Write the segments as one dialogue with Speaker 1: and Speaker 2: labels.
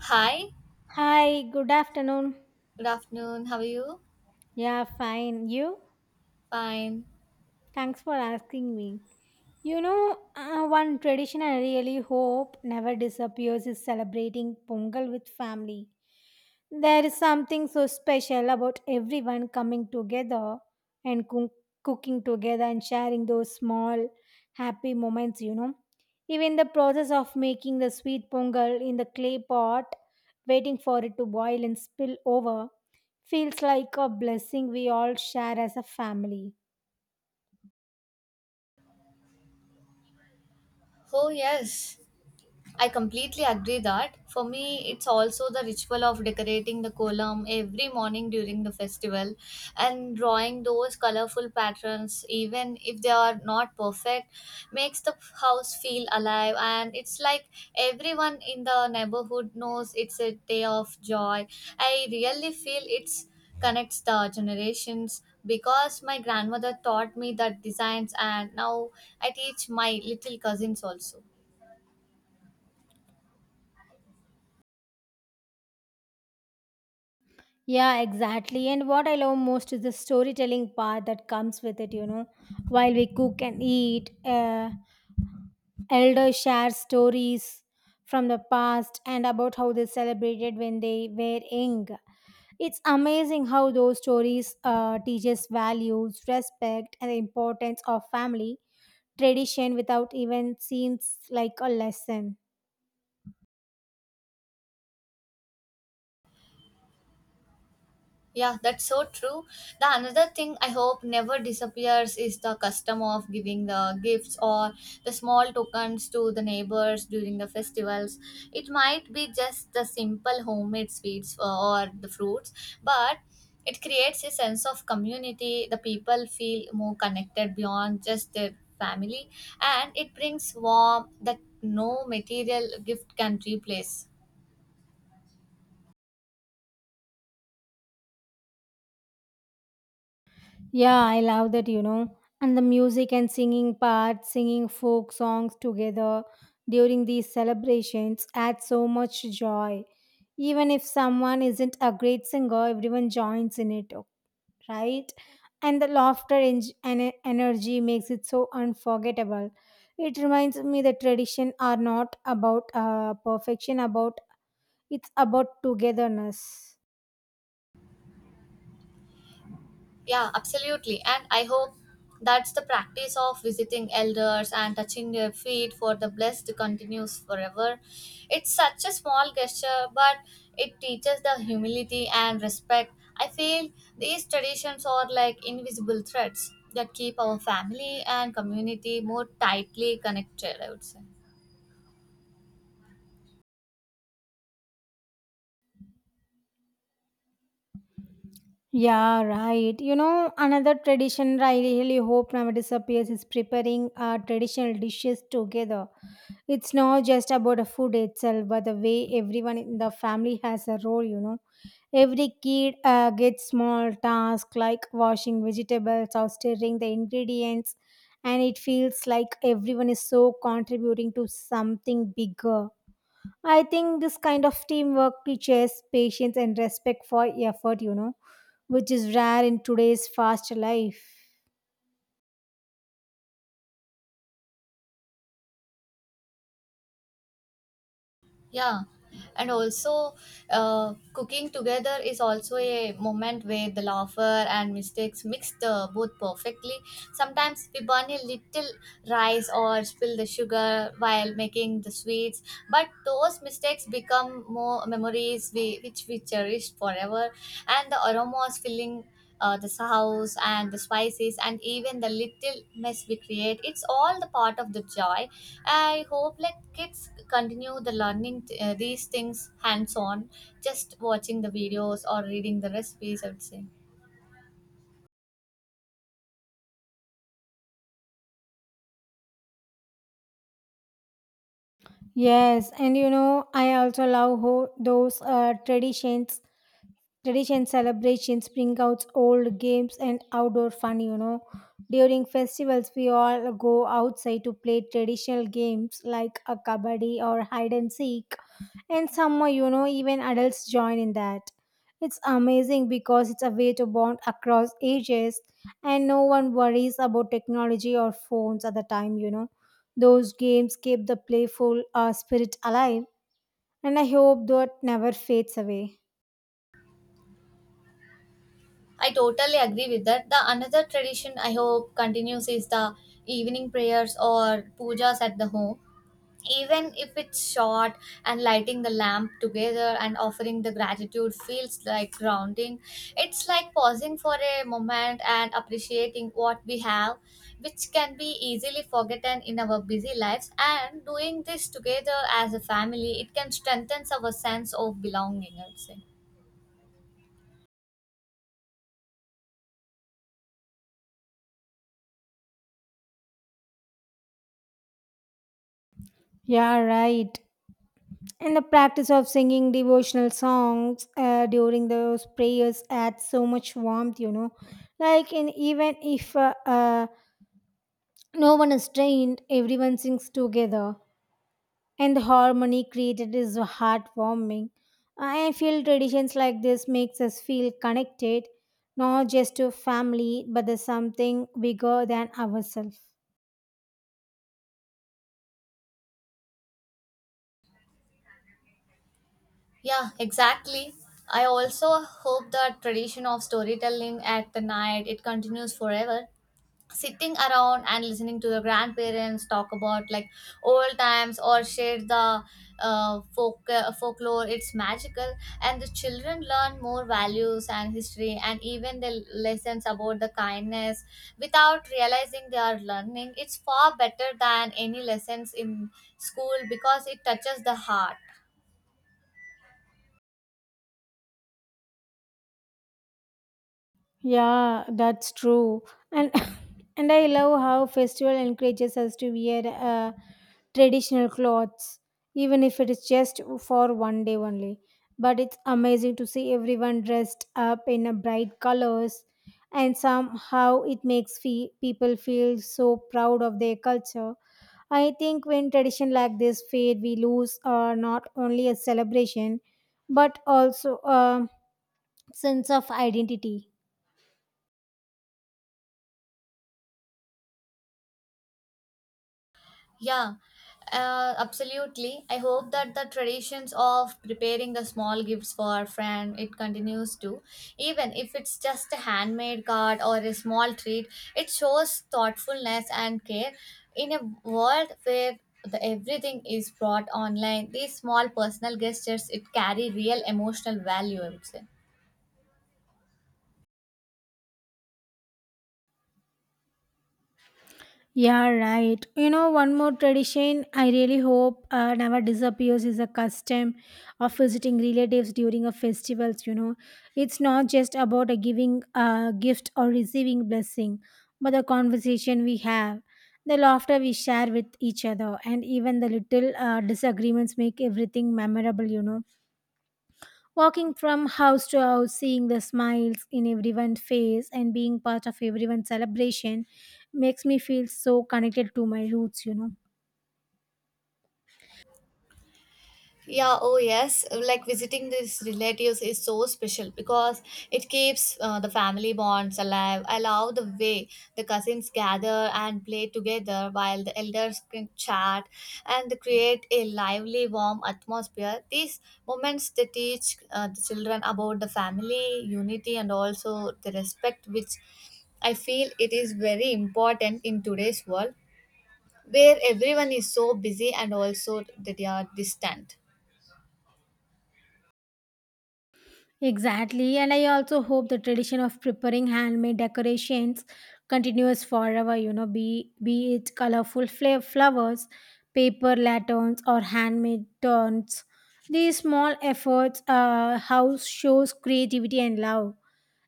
Speaker 1: Hi,
Speaker 2: Hi, good afternoon.
Speaker 1: good afternoon. How are you?
Speaker 2: Yeah, fine. You?
Speaker 1: Fine.
Speaker 2: Thanks for asking me. One tradition I really hope never disappears is celebrating Pongal with family. There is something so special about everyone coming together and cooking together and sharing those small happy moments. Even the process of making the sweet pongal in the clay pot, waiting for it to boil and spill over, feels like a blessing we all share as a family.
Speaker 1: Oh, yes. I completely agree that for me it's also the ritual of decorating the column every morning during the festival and drawing those colorful patterns even if they are not perfect makes the house feel alive, and it's like everyone in the neighborhood knows it's a day of joy. I really feel it's connects the generations because my grandmother taught me that designs, and now I teach my little cousins also.
Speaker 2: Yeah, exactly. And what I love most is the storytelling part that comes with it. While we cook and eat, elders share stories from the past and about how they celebrated when they were young. It's amazing how those stories teach us values, respect, and the importance of family tradition without even seems like a lesson.
Speaker 1: Yeah, that's so true. The another thing I hope never disappears is the custom of giving the gifts or the small tokens to the neighbors during the festivals. It might be just the simple homemade sweets or the fruits, but it creates a sense of community. The people feel more connected beyond just their family, and it brings warmth that no material gift can replace.
Speaker 2: Yeah, I love that. And the music and singing part, singing folk songs together during these celebrations adds so much joy. Even if someone isn't a great singer, everyone joins in it, right? And the and energy makes it so unforgettable. It reminds me that tradition are not about perfection, about it's about togetherness.
Speaker 1: Yeah, absolutely. And I hope that's the practice of visiting elders and touching their feet for the blessed continues forever. It's such a small gesture, but it teaches the humility and respect. I feel these traditions are like invisible threads that keep our family and community more tightly connected, I would say.
Speaker 2: Yeah, right. You know, another tradition I really hope never disappears is preparing our traditional dishes together. It's not just about the food itself, but the way everyone in the family has a role. Every kid gets small tasks like washing vegetables or stirring the ingredients, and it feels like everyone is so contributing to something bigger. I think this kind of teamwork teaches patience and respect for effort, which is rare in today's fast life.
Speaker 1: Yeah, and also cooking together is also a moment where the laughter and mistakes mix the both perfectly. Sometimes we burn a little rice or spill the sugar while making the sweets, but those mistakes become more memories we, which we cherish forever. And the aromas filling the house and the spices and even the little mess we create, it's all the part of the joy. I hope like kids continue the learning these things hands on, just watching the videos or reading the recipes. I would say
Speaker 2: Yes, and you know, I also love those traditions. Tradition celebrations bring out old games and outdoor fun, you know. During festivals, we all go outside to play traditional games like a kabaddi or hide and seek. And some, you know, even adults join in that. It's amazing because it's a way to bond across ages and no one worries about technology or phones at the time, you know. Those games keep the playful spirit alive, and I hope that never fades away.
Speaker 1: I totally agree with that. The another tradition I hope continues is the evening prayers or pujas at the home. Even if it's short and lighting the lamp together and offering the gratitude feels like grounding, it's like pausing for a moment and appreciating what we have, which can be easily forgotten in our busy lives, and doing this together as a family it can strengthen our sense of belonging, I'd say.
Speaker 2: Yeah, right. And the practice of singing devotional songs during those prayers adds so much warmth, you know. Like, in even if no one is trained, everyone sings together, and the harmony created is heartwarming. I feel traditions like this makes us feel connected, not just to family, but there's something bigger than ourselves.
Speaker 1: Yeah, exactly. I also hope the tradition of storytelling at the night it continues forever, sitting around and listening to the grandparents talk about like old times or share the folklore. It's magical, and the children learn more values and history and even the lessons about the kindness without realizing they are learning. It's far better than any lessons in school because it touches the heart.
Speaker 2: Yeah, that's true. And and I love how festival encourages us to wear traditional clothes, even if it is just for one day only. But it's amazing to see everyone dressed up in a bright colors, and somehow it makes people feel so proud of their culture. I think when tradition like this fade, we lose not only a celebration, but also a sense of identity.
Speaker 1: Yeah, absolutely. I hope that the traditions of preparing the small gifts for a friend it continues to, even if it's just a handmade card or a small treat. It shows thoughtfulness and care in a world where the everything is brought online. These small personal gestures it carry real emotional value. I would say.
Speaker 2: Yeah, right. You know, one more tradition I really hope never disappears is a custom of visiting relatives during a festivals. You know, it's not just about a giving a gift or receiving blessing, but the conversation we have, the laughter we share with each other, and even the little disagreements make everything memorable. You know, walking from house to house, seeing the smiles in everyone's face and being part of everyone's celebration makes me feel so connected to my roots, you know.
Speaker 1: Yeah, oh yes. Like visiting these relatives is so special because it keeps the family bonds alive. I love the way the cousins gather and play together while the elders can chat, and they create a lively, warm atmosphere. These moments they teach the children about the family unity and also the respect, which I feel it is very important in today's world where everyone is so busy and also they are distant.
Speaker 2: Exactly, and I also hope the tradition of preparing handmade decorations continues forever, you know, be it colorful flowers, paper lanterns, or handmade turns. These small efforts, house shows creativity and love.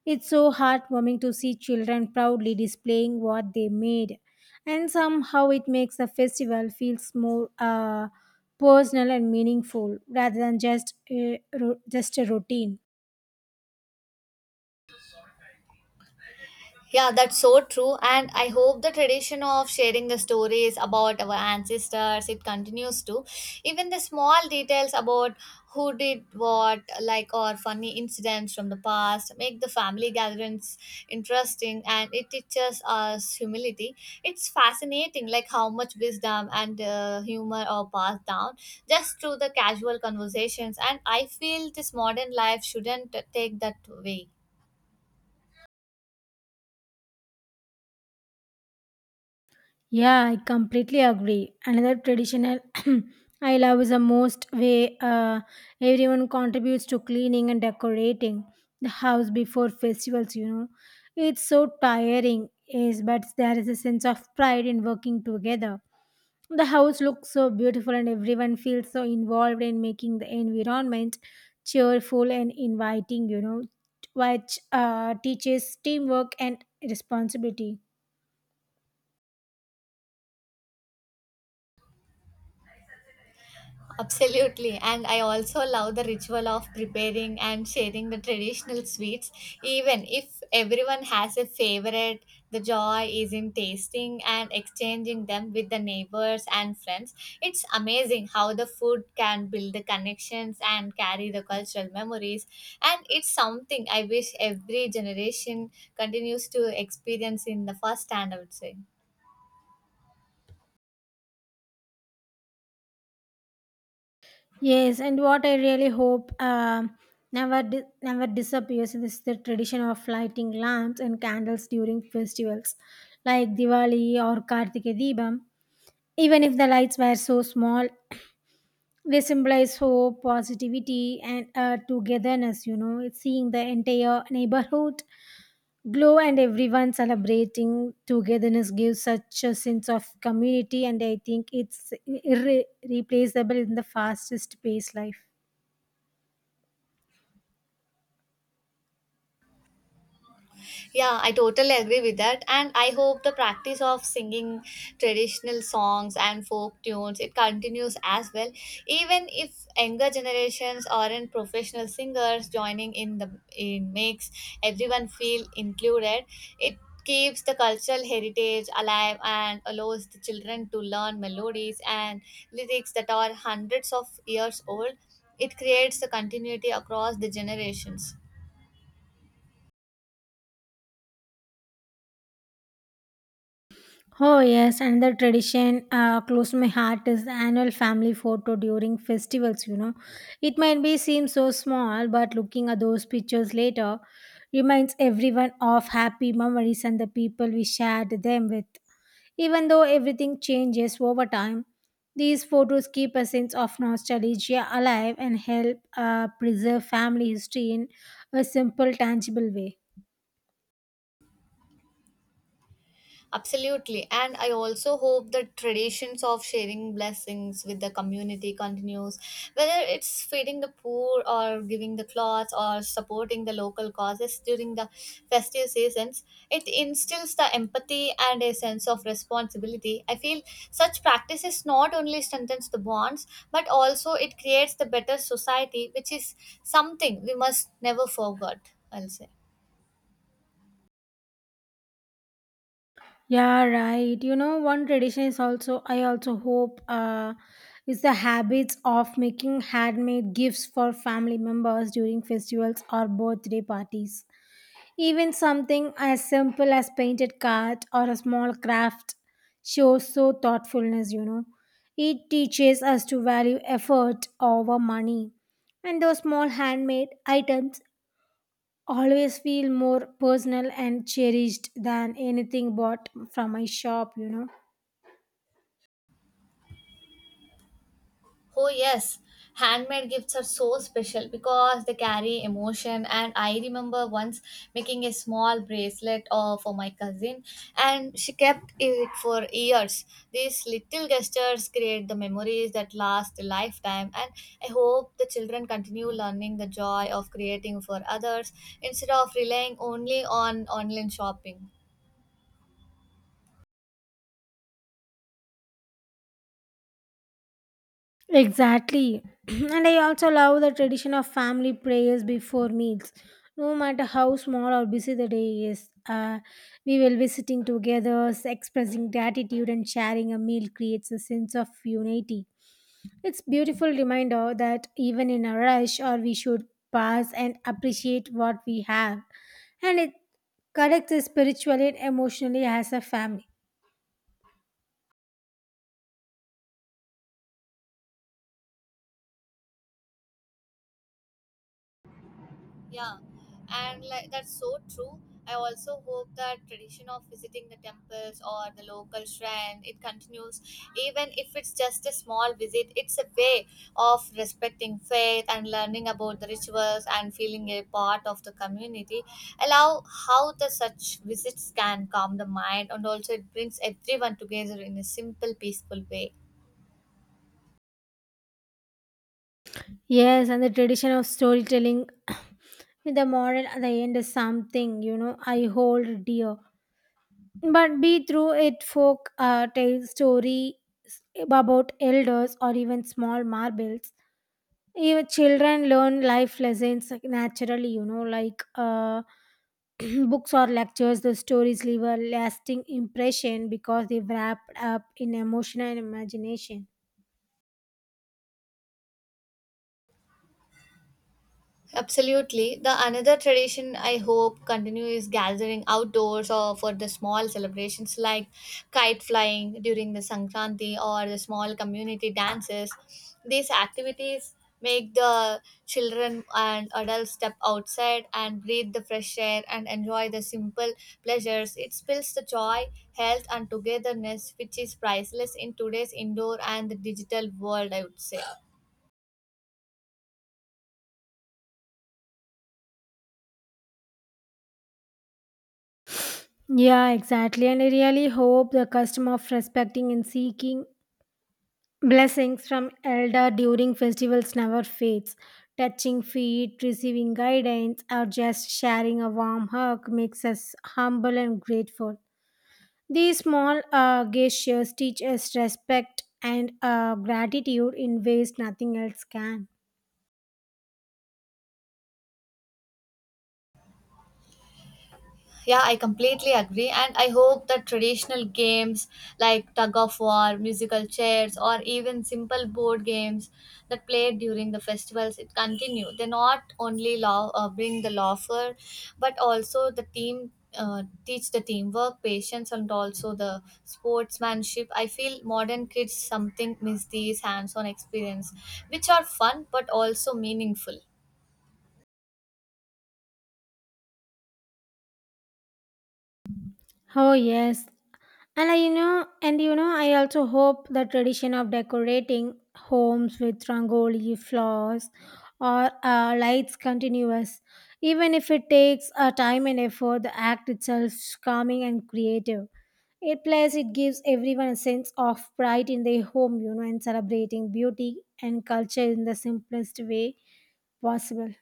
Speaker 2: It's so heartwarming to see children proudly displaying what they made, and somehow it makes the festival feels more personal and meaningful rather than just just a routine.
Speaker 1: Yeah, that's so true. And I hope the tradition of sharing the stories about our ancestors, it continues to. Even the small details about who did what, like or funny incidents from the past, make the family gatherings interesting, and it teaches us humility. It's fascinating like how much wisdom and humor are passed down just through the casual conversations. And I feel this modern life shouldn't take that way.
Speaker 2: Yeah, I completely agree. Another traditional I love is the most way everyone contributes to cleaning and decorating the house before festivals. You know, it's so tiring, is but there is a sense of pride in working together. The house looks so beautiful, and everyone feels so involved in making the environment cheerful and inviting, you know, which teaches teamwork and responsibility.
Speaker 1: Absolutely. And I also love the ritual of preparing and sharing the traditional sweets. Even if everyone has a favorite, the joy is in tasting and exchanging them with the neighbors and friends. It's amazing how the food can build the connections and carry the cultural memories. And it's something I wish every generation continues to experience in the first hand, I would say.
Speaker 2: Yes, and what I really hope never disappears is the tradition of lighting lamps and candles during festivals like Diwali or Kartike Deepam. Even if the lights were so small, they symbolize hope positivity and togetherness, you know. It's seeing the entire neighborhood glow and everyone celebrating togetherness gives such a sense of community, and I think it's replaceable in the fastest paced life.
Speaker 1: Yeah, I totally agree with that. And I hope the practice of singing traditional songs and folk tunes it continues as well. Even if younger generations aren't professional singers, joining in the in makes everyone feel included. It keeps the cultural heritage alive and allows the children to learn melodies and lyrics that are hundreds of years old. It creates a continuity across the generations.
Speaker 2: Oh, yes, another tradition close to my heart is the annual family photo during festivals. You know, it might be seem so small, but looking at those pictures later reminds everyone of happy memories and the people we shared them with. Even though everything changes over time, these photos keep a sense of nostalgia alive and help preserve family history in a simple, tangible way.
Speaker 1: Absolutely. And I also hope the traditions of sharing blessings with the community continues, whether it's feeding the poor or giving the clothes or supporting the local causes during the festive seasons. It instills the empathy and a sense of responsibility. I feel such practices not only strengthens the bonds, but also it creates the better society, which is something we must never forget, I'll say.
Speaker 2: Yeah, right. You know, one tradition is also I also hope is the habits of making handmade gifts for family members during festivals or birthday parties. Even something as simple as painted card or a small craft shows so thoughtfulness, you know. It teaches us to value effort over money. And those small handmade items always feel more personal and cherished than anything bought from my shop, you know.
Speaker 1: Oh, yes. Handmade gifts are so special because they carry emotion. And I remember once making a small bracelet for my cousin, and she kept it for years. These little gestures create the memories that last a lifetime. And I hope the children continue learning the joy of creating for others instead of relying only on online shopping.
Speaker 2: Exactly. And I also love the tradition of family prayers before meals. No matter how small or busy the day is, we will be sitting together, expressing gratitude, and sharing a meal creates a sense of unity. It's beautiful reminder that even in a rush or we should pause and appreciate what we have and it connects us spiritually and emotionally as a family.
Speaker 1: Yeah, and like that's so true. I also hope that tradition of visiting the temples or the local shrine it continues, even if it's just a small visit. It's a way of respecting faith and learning about the rituals and feeling a part of the community. Allow how the such visits can calm the mind, and also it brings everyone together in a simple, peaceful way.
Speaker 2: Yes, and the tradition of storytelling with the moral at the end is something, you know, I hold dear. But be through it folk tale story about elders or even small marbles. Even children learn life lessons like, naturally, you know, like books or lectures, the stories leave a lasting impression because they wrapped up in emotion and imagination.
Speaker 1: Absolutely. The another tradition I hope continue is gathering outdoors or for the small celebrations like kite flying during the Sankranti or the small community dances. These activities make the children and adults step outside and breathe the fresh air and enjoy the simple pleasures. It builds the joy, health and togetherness, which is priceless in today's indoor and the digital world, I would say.
Speaker 2: Yeah, exactly. And I really hope the custom of respecting and seeking blessings from elder during festivals never fades. Touching feet, receiving guidance, or just sharing a warm hug makes us humble and grateful. These small gestures teach us respect and gratitude in ways nothing else can.
Speaker 1: Yeah, I completely agree, and I hope that traditional games like tug of war, musical chairs, or even simple board games that played during the festivals it continue. They not only law, bring the laughter, but also the team teach the teamwork, patience, and also the sportsmanship. I feel modern kids something miss these hands-on experience, which are fun but also meaningful.
Speaker 2: Oh yes, and I also hope the tradition of decorating homes with rangoli, flowers, or lights continues, even if it takes time and effort. The act itself is calming and creative. It plus it gives everyone a sense of pride in their home, you know, and celebrating beauty and culture in the simplest way possible.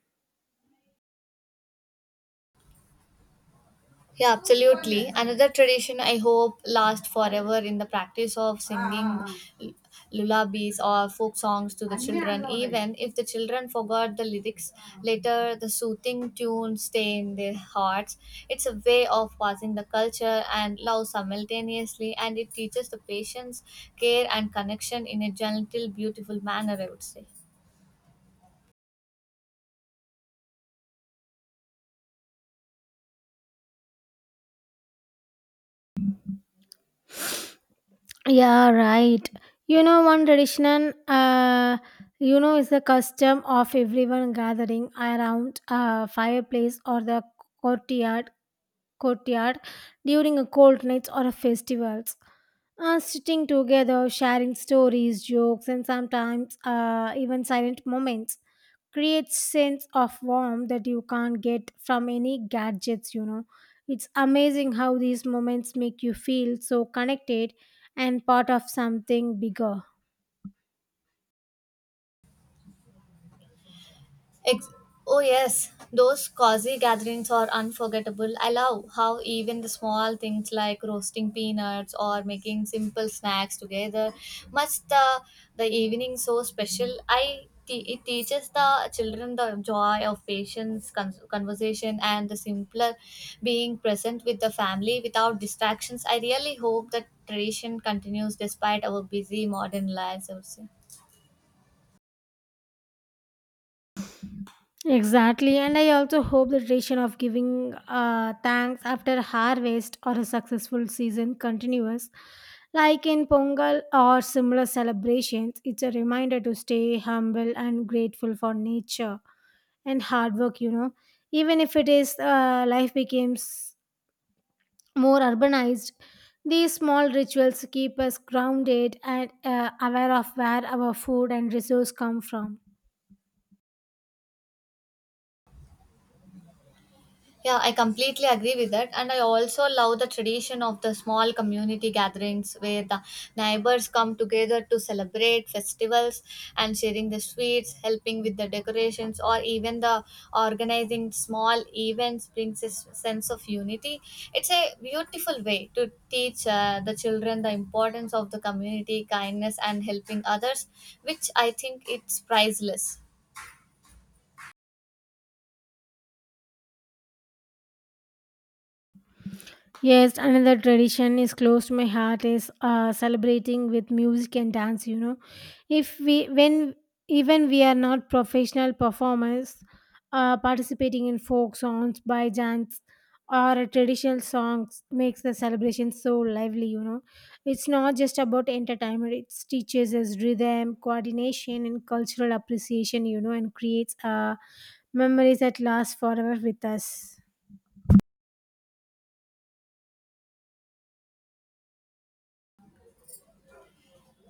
Speaker 1: Yeah, absolutely. Another tradition I hope lasts forever in the practice of singing l- lullabies or folk songs to the children. Even if the children forgot the lyrics later, the soothing tunes stay in their hearts. It's a way of passing the culture and love simultaneously, and it teaches the patience, care, and connection in a gentle, beautiful manner, I would say.
Speaker 2: Yeah, right. You know, one tradition, is the custom of everyone gathering around a fireplace or the courtyard, courtyard during a cold nights or a festivals. Sitting together, sharing stories, jokes, and sometimes even silent moments creates sense of warmth that you can't get from any gadgets. You know, it's amazing how these moments make you feel so connected and part of something bigger.
Speaker 1: Ex- oh, yes, those cozy gatherings are unforgettable. I love how even the small things like roasting peanuts or making simple snacks together must the evening so special. I it teaches the children the joy of patience, conversation, and the simpler being present with the family without distractions. I really hope that tradition continues despite our busy modern lives, I would say.
Speaker 2: Exactly, and I also hope the tradition of giving thanks after harvest or a successful season continues. Like in Pongal or similar celebrations, it's a reminder to stay humble and grateful for nature and hard work, you know. Even if it is life becomes more urbanized, these small rituals keep us grounded and aware of where our food and resource come from.
Speaker 1: Yeah, I completely agree with that. And I also love the tradition of the small community gatherings where the neighbors come together to celebrate festivals and sharing the sweets, helping with the decorations, or even the organizing small events brings a sense of unity. It's a beautiful way to teach the children the importance of the community, kindness, and helping others, which I think it's priceless.
Speaker 2: Yes, another tradition is close to my heart is celebrating with music and dance. You know, if we when even we are not professional performers, participating in folk songs by chants or a traditional songs makes the celebration so lively. You know, it's not just about entertainment; it teaches us rhythm, coordination, and cultural appreciation. You know, and creates memories that last forever with us.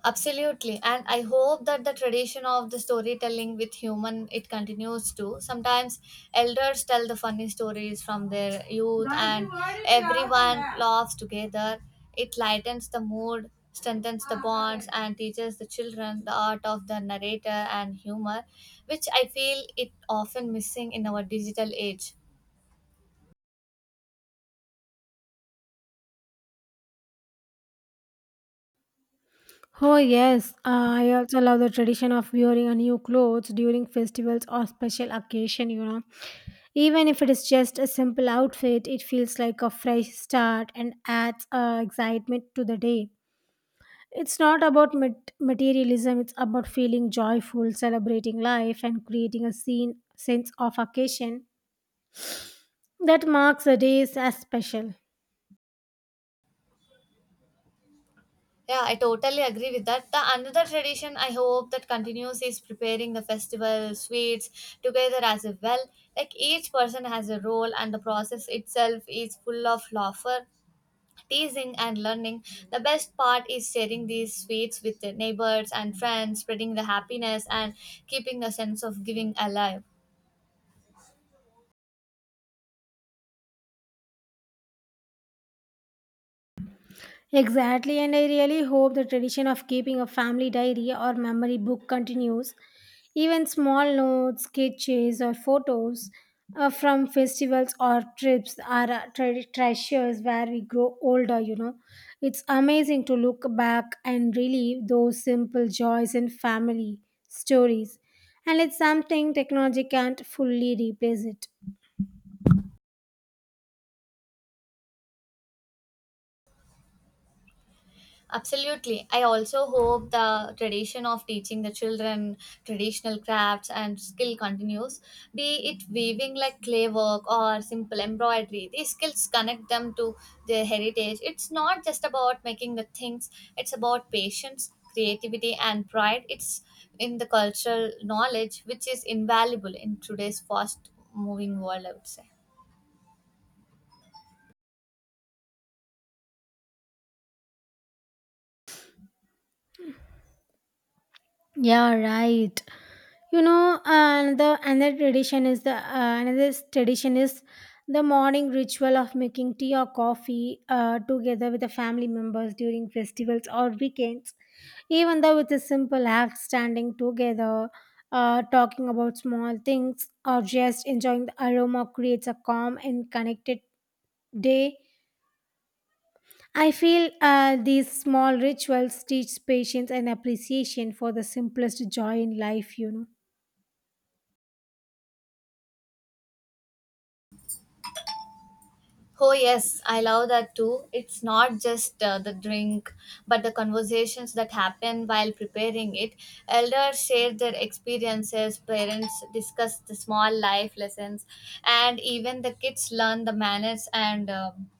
Speaker 1: Absolutely. And I hope that the tradition of the storytelling with human it continues too. Sometimes elders tell the funny stories from their youth and everyone laughs together. It lightens the mood, strengthens the bonds and teaches the children the art of the narrator and humor, which I feel it often missing in our digital age.
Speaker 2: Oh, yes. I also love the tradition of wearing a new clothes during festivals or special occasion, you know. Even if it is just a simple outfit, it feels like a fresh start and adds excitement to the day. It's not about materialism, it's about feeling joyful, celebrating life, and creating a scene, sense of occasion that marks the days as special.
Speaker 1: Yeah, I totally agree with that. The another tradition I hope that continues is preparing the festival sweets together as a well. Like each person has a role and the process itself is full of laughter, teasing and learning. The best part is sharing these sweets with the neighbors and friends, spreading the happiness and keeping the sense of giving alive.
Speaker 2: Exactly, and I really hope the tradition of keeping a family diary or memory book continues. Even small notes, sketches, or photos from festivals or trips are treasures where we grow older, you know. It's amazing to look back and relive those simple joys and family stories. And it's something technology can't fully replace it.
Speaker 1: Absolutely. I also hope the tradition of teaching the children traditional crafts and skill continues, be it weaving like clay work or simple embroidery. These skills connect them to their heritage. It's not just about making the things, it's about patience, creativity, and pride. It's in the cultural knowledge, which is invaluable in today's fast moving world, I would say.
Speaker 2: Yeah, right. Another another tradition is the another tradition is the morning ritual of making tea or coffee together with the family members during festivals or weekends. Even though it's a simple act standing together, talking about small things or just enjoying the aroma creates a calm and connected day. I feel these small rituals teach patience and appreciation for the simplest joy in life, you know.
Speaker 1: Oh, yes, I love that too. It's not just the drink, but the conversations that happen while preparing it. Elders share their experiences, parents discuss the small life lessons, and even the kids learn the manners and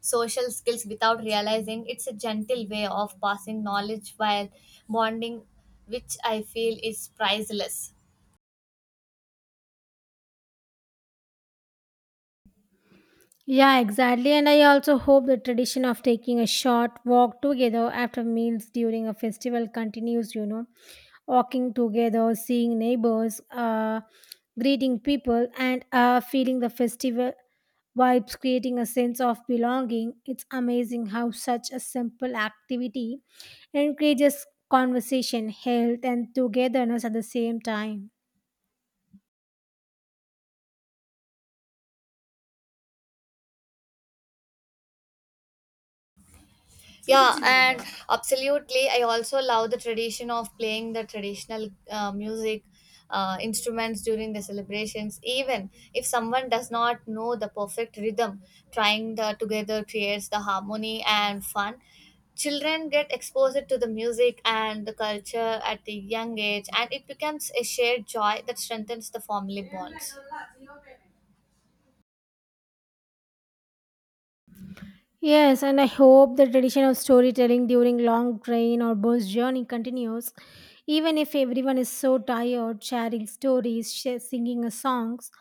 Speaker 1: social skills without realizing it's a gentle way of passing knowledge while bonding, which I feel is priceless.
Speaker 2: Yeah, exactly. And I also hope the tradition of taking a short walk together after meals during a festival continues, you know, walking together, seeing neighbors, greeting people, and feeling the festival vibes, creating a sense of belonging. It's amazing how such a simple activity encourages conversation, health, and togetherness at the same time.
Speaker 1: Yeah, and absolutely. I also love the tradition of playing the traditional music instruments during the celebrations. Even if someone does not know the perfect rhythm, trying the together creates the harmony and fun. Children get exposed to the music and the culture at a young age, and it becomes a shared joy that strengthens the family bonds.
Speaker 2: Yes, and I hope the tradition of storytelling during long train or bus journey continues, even if everyone is so tired sharing stories, singing a songs,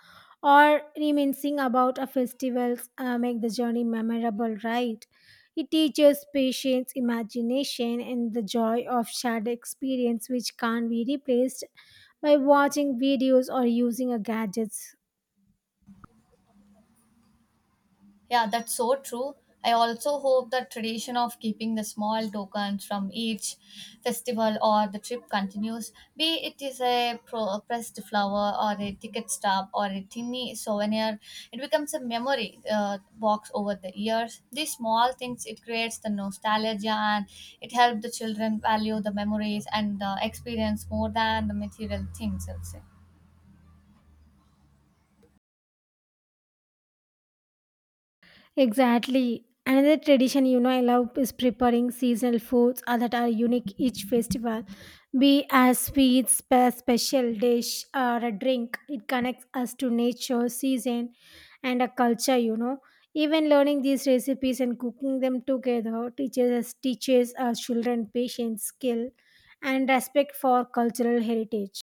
Speaker 2: or reminiscing about a festivals make the journey memorable, right? It teaches patience, imagination, and the joy of shared experience, which can't be replaced by watching videos or using a gadgets.
Speaker 1: Yeah, that's so true. I also hope the tradition of keeping the small tokens from each festival or the trip continues, be it is a pressed flower or a ticket stub or a tiny souvenir. It becomes a memory box over the years. These small things, it creates the nostalgia and it helps the children value the memories and the experience more than the material things, I'll say.
Speaker 2: Exactly. Another tradition you know I love is preparing seasonal foods that are unique each festival. Be as sweets, a special dish, or a drink. It connects us to nature, season, and a culture. You know, even learning these recipes and cooking them together teaches us teaches our children patience, skill, and respect for cultural heritage.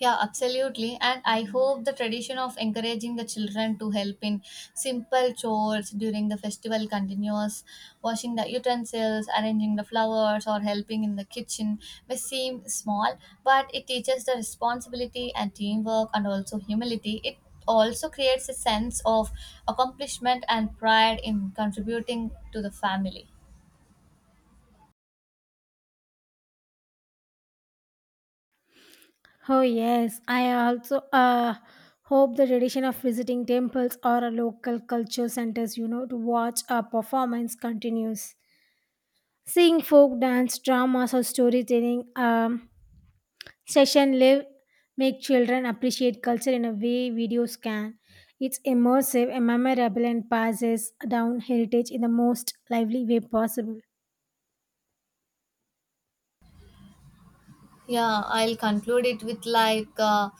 Speaker 1: Yeah, absolutely. And I hope the tradition of encouraging the children to help in simple chores during the festival continues. Washing the utensils, arranging the flowers, or helping in the kitchen may seem small, but it teaches the responsibility and teamwork and also humility. It also creates a sense of accomplishment and pride in contributing to the family.
Speaker 2: Oh yes, I also hope the tradition of visiting temples or a local culture centers, you know, to watch a performance continues. Seeing folk dance, dramas, or storytelling session live make children appreciate culture in a way videos can. It's immersive and memorable and passes down heritage in the most lively way possible.
Speaker 1: Yeah, I'll conclude it with like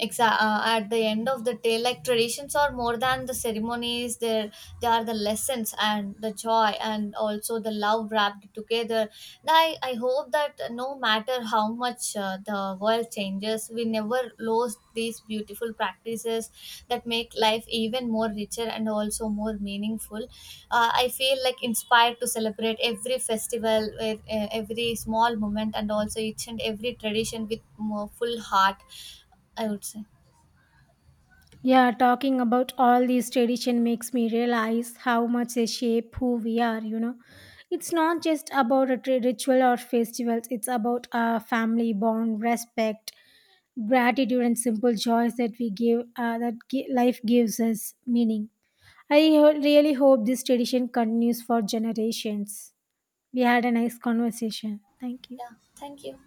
Speaker 1: exactly. At the end of the day, like traditions are more than the ceremonies. There, they are the lessons and the joy and also the love wrapped together. I hope that no matter how much the world changes, we never lose these beautiful practices that make life even more richer and also more meaningful. I feel like inspired to celebrate every festival, with, every small moment, and also each and every tradition with more full heart, I would say.
Speaker 2: Yeah, talking about all these tradition makes me realize how much they shape who we are, you know. It's not just about a ritual or festivals, it's about our family bond, respect, gratitude and simple joys that we give that life gives us meaning. I really hope this tradition continues for generations. We had a nice conversation. Thank you.
Speaker 1: Yeah, thank you.